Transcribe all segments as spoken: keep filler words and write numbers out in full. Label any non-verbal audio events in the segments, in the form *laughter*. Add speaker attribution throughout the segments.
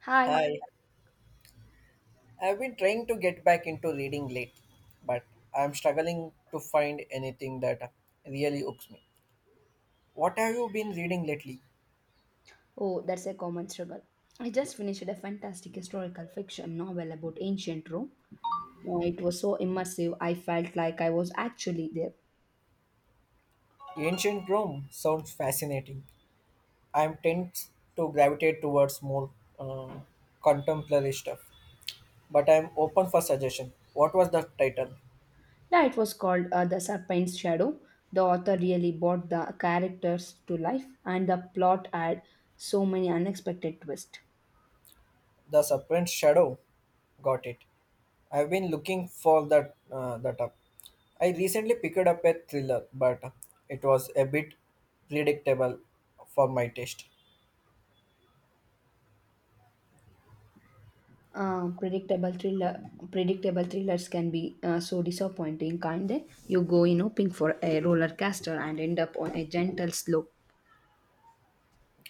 Speaker 1: Hi.
Speaker 2: Hi, I've been trying to get back into reading late, but I'm struggling to find anything that really hooks me. What have you been reading lately?
Speaker 1: Oh, that's a common struggle. I just finished a fantastic historical fiction novel about ancient Rome. Oh, it was so immersive, I felt like I was actually there.
Speaker 2: Ancient Rome sounds fascinating. I'm tends to gravitate towards more uh, contemporary stuff, but I'm open for suggestion. What was the title?
Speaker 1: Yeah, it was called uh, The Serpent's Shadow. The author really brought the characters to life, and the plot had so many unexpected twists.
Speaker 2: The Serpent Shadow. Got it. I've been looking for that uh, that up. I recently picked up a thriller, but it was a bit predictable for my taste.
Speaker 1: Uh, predictable thriller, Predictable thrillers can be uh, so disappointing, can't they? You go in hoping for a roller coaster and end up on a gentle slope.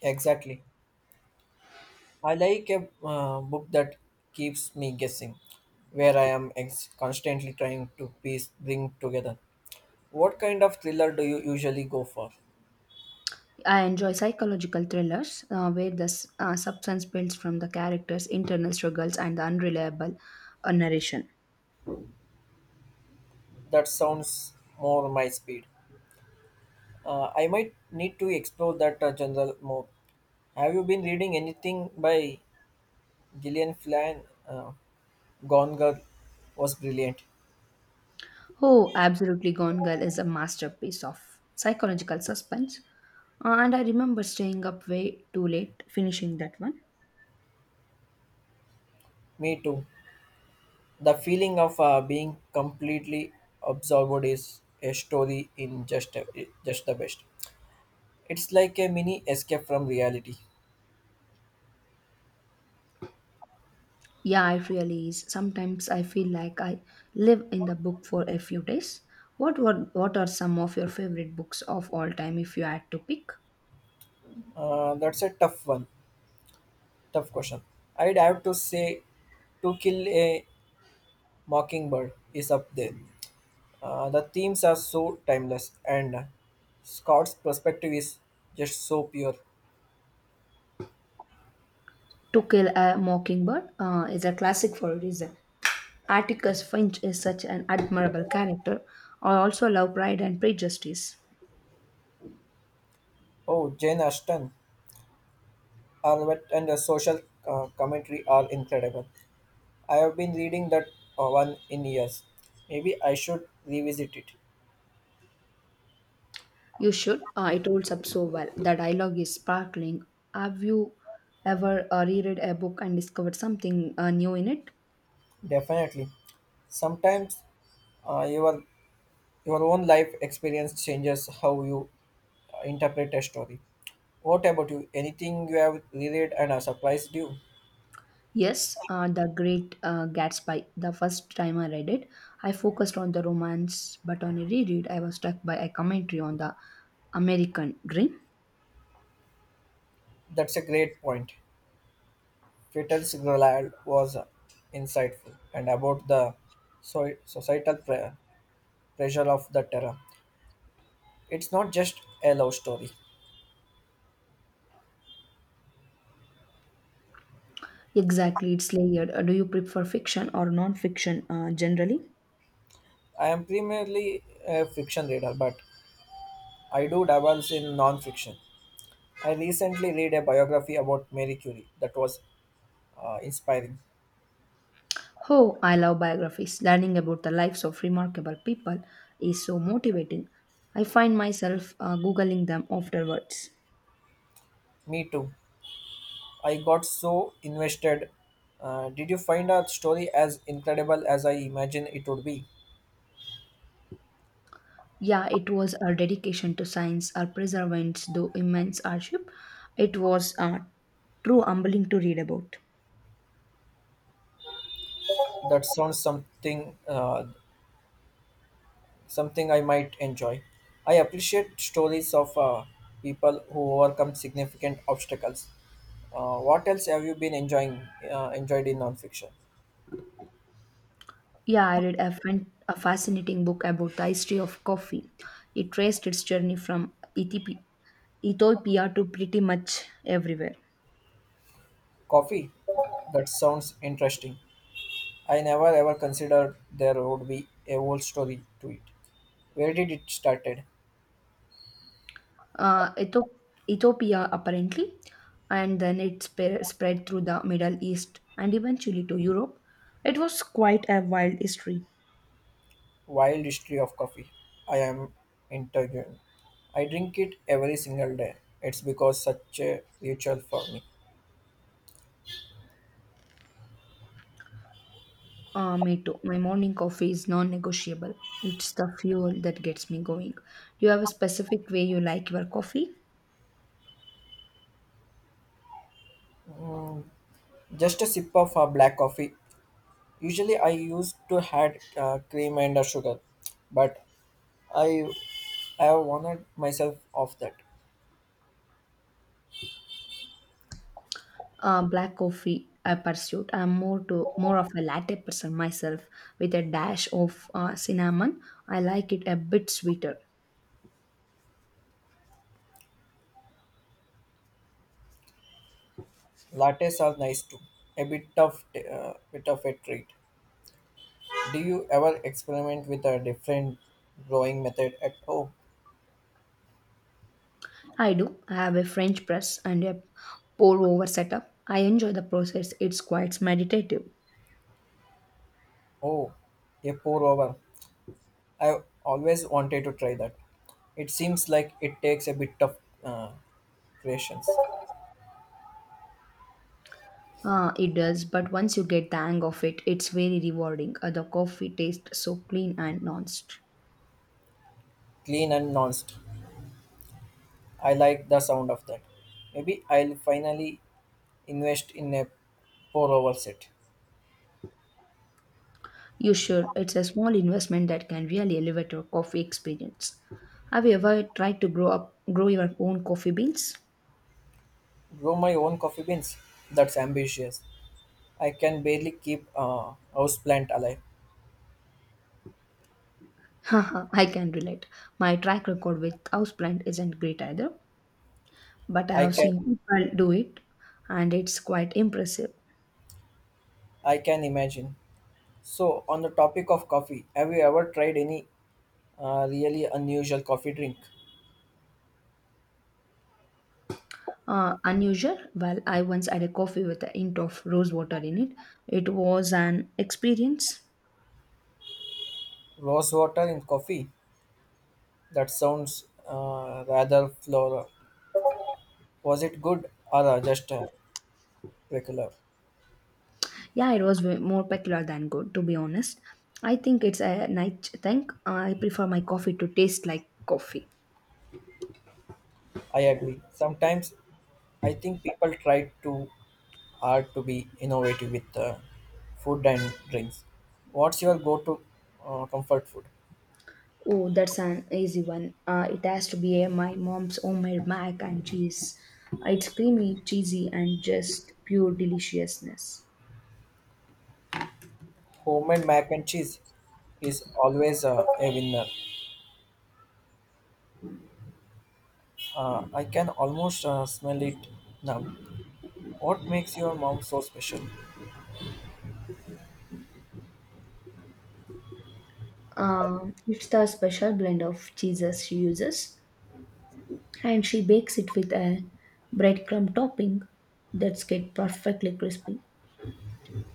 Speaker 2: Exactly. I like a uh, book that keeps me guessing, where I am ex- constantly trying to piece bring together. What kind of thriller do you usually go for?
Speaker 1: I enjoy psychological thrillers uh, where the s- uh, substance builds from the characters' internal struggles and the unreliable uh, narration.
Speaker 2: That sounds more my speed. Uh, I might need to explore that uh, general more. Have you been reading anything by Gillian Flynn? Uh, Gone Girl was brilliant.
Speaker 1: Oh, absolutely, Gone Girl is a masterpiece of psychological suspense. Uh, and I remember staying up way too late finishing that one.
Speaker 2: Me too. The feeling of uh, being completely absorbed is a story in just a, just the best. It's like a mini escape from reality.
Speaker 1: Yeah, it really is. Sometimes I feel like I live in the book for a few days. What were, what are some of your favorite books of all time if you had to pick?
Speaker 2: Uh, that's a tough one. Tough question. I'd have to say, To Kill a Mockingbird is up there. Uh, the themes are so timeless, and Scott's perspective is just so pure.
Speaker 1: To Kill a Mockingbird uh, is a classic for a reason. Atticus Finch is such an admirable character. I also love Pride and Prejudice.
Speaker 2: Oh, Jane Austen, Arvet, and the social uh, commentary are incredible. I have been reading that uh, one in years. Maybe I should revisit it.
Speaker 1: You should. Uh, it holds up so well. The dialogue is sparkling. Have you ever uh, reread a book and discovered something uh, new in it?
Speaker 2: Definitely. Sometimes uh, your your own life experience changes how you uh, interpret a story. What about you? Anything you have reread and uh, surprised you?
Speaker 1: Yes, uh, The Great uh, Gatsby. The first time I read it, I focused on the romance, but on a reread, I was struck by a commentary on the American dream.
Speaker 2: That's a great point. Peter Sutherland was insightful and about the so- societal pre- pressure of the terror. It's not just a love story.
Speaker 1: Exactly, it's layered. Uh, do you prefer fiction or non fiction uh, generally?
Speaker 2: I am primarily a fiction reader, but I do dabble in non-fiction. I recently read a biography about Marie Curie that was uh, inspiring.
Speaker 1: Oh, I love biographies. Learning about the lives of remarkable people is so motivating. I find myself uh, Googling them afterwards.
Speaker 2: Me too. I got so invested. Uh, did you find our story as incredible as I imagined it would be?
Speaker 1: Yeah, it was our dedication to science, our perseverance, though immense hardship. It was uh, true humbling to read about.
Speaker 2: That sounds something uh, something I might enjoy. I appreciate stories of uh, people who overcome significant obstacles. Uh, what else have you been enjoying uh, enjoyed in nonfiction?
Speaker 1: Yeah, I read a, fan- a fascinating book about the history of coffee. It traced its journey from Ethiopia Ethiopia to pretty much everywhere.
Speaker 2: Coffee. That sounds interesting. I never ever considered there would be a whole story to it. Where did it started?
Speaker 1: uh, Etho- Ethiopia apparently, and then it spe- spread through the Middle East and eventually to Europe. It was quite a wild history.
Speaker 2: Wild history of coffee. I am intrigued. I drink it every single day. It's because such a ritual for me.
Speaker 1: Uh, me too. My morning coffee is non negotiable. It's the fuel that gets me going. Do you have a specific way you like your coffee?
Speaker 2: Just a sip of a black coffee usually. I used to had uh, cream and uh, sugar, but I have wanted myself off that.
Speaker 1: Uh, black coffee, I pursued. I'm more to more of a latte person myself with a dash of uh, cinnamon. I like it a bit sweeter.
Speaker 2: Lattes are nice too, a bit of uh, bit of a treat. Do you ever experiment with a different growing method at home?
Speaker 1: I do. I have a French press and a pour over setup. I enjoy the process, it's quite meditative.
Speaker 2: Oh, a pour over. I always wanted to try that. It seems like it takes a bit of uh, patience,
Speaker 1: Uh, it does, but once you get the hang of it, it's very rewarding. Uh, the coffee tastes so clean and nuanced.
Speaker 2: clean and non I like the sound of that. Maybe I'll finally invest in a pour over set.
Speaker 1: You should. It's a small investment that can really elevate your coffee experience. Have you ever tried to grow up, grow your own coffee beans?
Speaker 2: Grow my own coffee beans. That's ambitious. I can barely keep a houseplant alive.
Speaker 1: *laughs* Haha, I can relate. My track record with houseplant isn't great either, but I
Speaker 2: I
Speaker 1: have
Speaker 2: can
Speaker 1: seen people do it, and it's quite impressive.
Speaker 2: I can imagine. So on the topic of coffee, have you ever tried any uh, really unusual coffee drink?
Speaker 1: Uh, unusual. Well, I once had a coffee with a hint of rose water in it. It was an experience.
Speaker 2: Rose water in coffee? That sounds uh, rather floral. Was it good or uh, just uh, regular?
Speaker 1: Yeah, it was way more peculiar than good, to be honest. I think it's a night thing. Uh, I prefer my coffee to taste like coffee.
Speaker 2: I agree. Sometimes I think people try to are to be innovative with uh, food and drinks. What's your go-to uh, comfort food?
Speaker 1: Oh, that's an easy one. Uh, it has to be uh, my mom's homemade mac and cheese. It's creamy, cheesy, and just pure deliciousness.
Speaker 2: Homemade mac and cheese is always uh, a winner. Uh, I can almost uh, smell it now. What makes your mom so special?
Speaker 1: Um, it's the special blend of cheeses she uses, and she bakes it with a breadcrumb topping that's get perfectly crispy.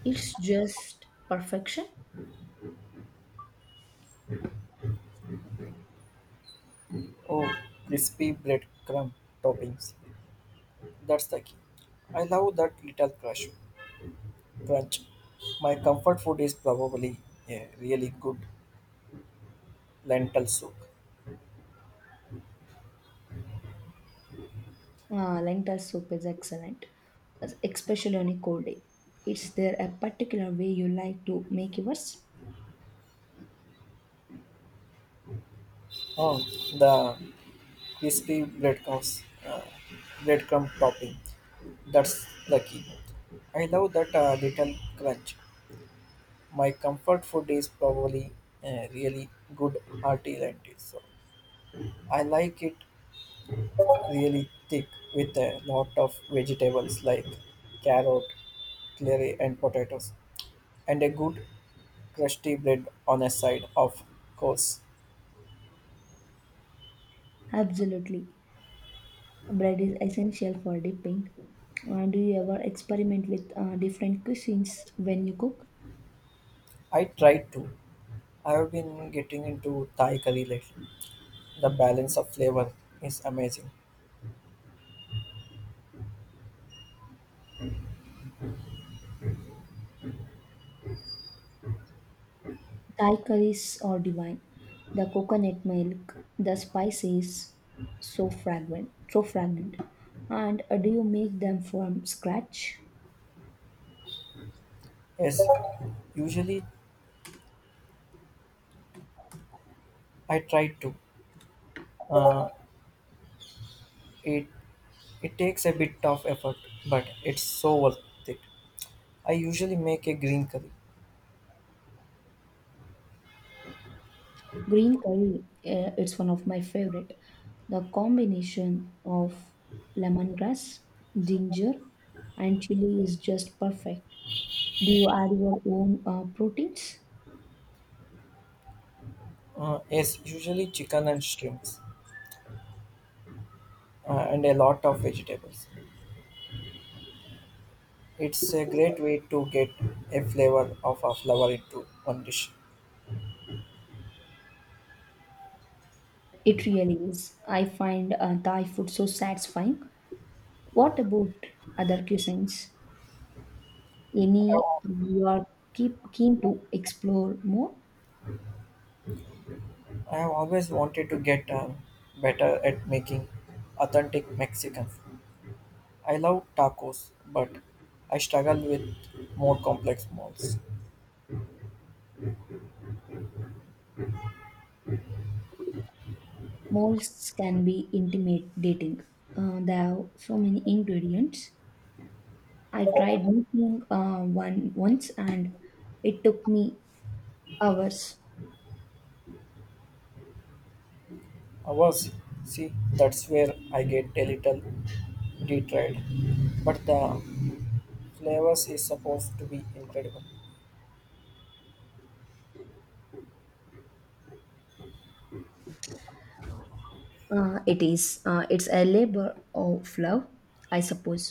Speaker 1: It's just perfection.
Speaker 2: Oh, crispy breadcrumb toppings. That's the key. I love that little crush crunch. My comfort food is probably a really good lentil soup.
Speaker 1: Ah, lentil soup is excellent, es- especially on a cold day. Is there a particular way you like to make yours?
Speaker 2: Oh, the crispy breadcrumbs, uh, breadcrumb topping. That's lucky. I love that uh, little crunch. My comfort food is probably uh, really good hearty lentil. So I like it really thick with a lot of vegetables like carrot, celery, and potatoes, and a good crusty bread on a side. Of course,
Speaker 1: Absolutely. Bread is essential for dipping. Uh, do you ever experiment with uh, different cuisines when you cook?
Speaker 2: I try to. I have been getting into Thai curry lately. The balance of flavor is amazing.
Speaker 1: Thai curries are divine. The coconut milk, the spices, so fragrant, so fragrant. And uh, do you make them from scratch?
Speaker 2: Yes, usually I try to. Uh, it it takes a bit of effort, but it's so worth it. I usually make a green curry.
Speaker 1: Green curry, uh, it's one of my favorite. The combination of lemongrass, ginger, and chili is just perfect. Do you add your own uh, proteins?
Speaker 2: Uh, yes, usually chicken and shrimps, uh, and a lot of vegetables. It's a great way to get a flavor of a flower into one dish.
Speaker 1: It really is. I find uh, Thai food so satisfying. What about other cuisines, any you are keep keen to explore more?
Speaker 2: I have always wanted to get uh, better at making authentic Mexican food. I love tacos, but I struggle with more complex malls.
Speaker 1: Molds can be intimidating, uh, there are so many ingredients. I tried making uh, one once and it took me hours.
Speaker 2: Ours, see, that's where I get a little detried. But the flavors is supposed to be incredible.
Speaker 1: Uh, it is uh, it's a labor of love, I suppose.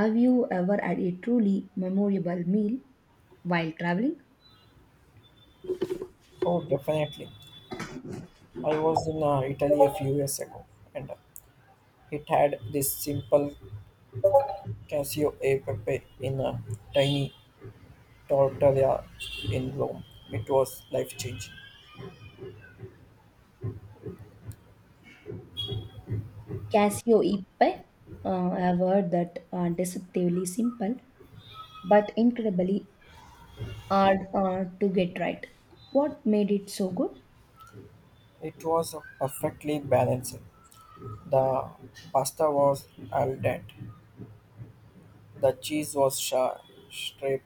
Speaker 1: Have you ever had a truly memorable meal while traveling?
Speaker 2: Oh, definitely. I was in uh, Italy a few years ago, and uh, it had this simple Casio e pepe in a tiny tortilla in Rome. It was life changing.
Speaker 1: Casio Ipe. Uh, I have heard that are deceptively simple but incredibly hard uh, to get right. What made it so good?
Speaker 2: It was perfectly balanced, the pasta was al dente, the cheese was sharp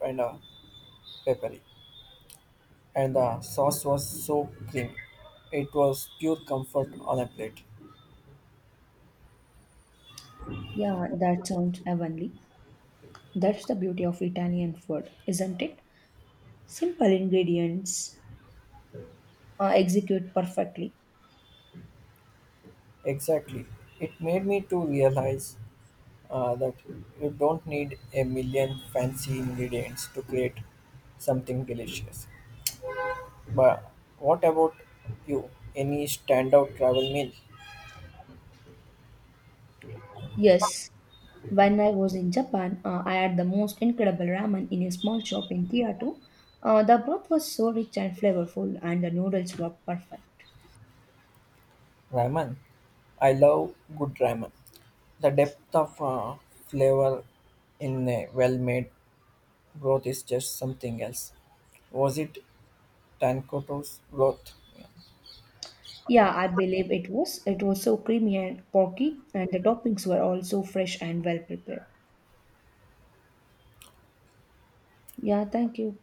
Speaker 2: and uh, peppery, and the sauce was so creamy. It was pure comfort on a plate.
Speaker 1: Yeah, that sounds heavenly. That's the beauty of Italian food, isn't it? Simple ingredients uh, execute perfectly.
Speaker 2: Exactly. It made me to realize uh, that you don't need a million fancy ingredients to create something delicious. But what about you? Any standout travel meal?
Speaker 1: Yes, when I was in Japan, uh, I had the most incredible ramen in a small shop in Kyoto. Uh, the broth was so rich and flavorful, and the noodles were perfect.
Speaker 2: Ramen. I love good ramen. The depth of uh, flavor in a well-made broth is just something else. Was it Tankoto's broth? Yeah.
Speaker 1: Yeah, I believe it was. It was so creamy and porky, and the toppings were all so fresh and well prepared. Yeah, thank you.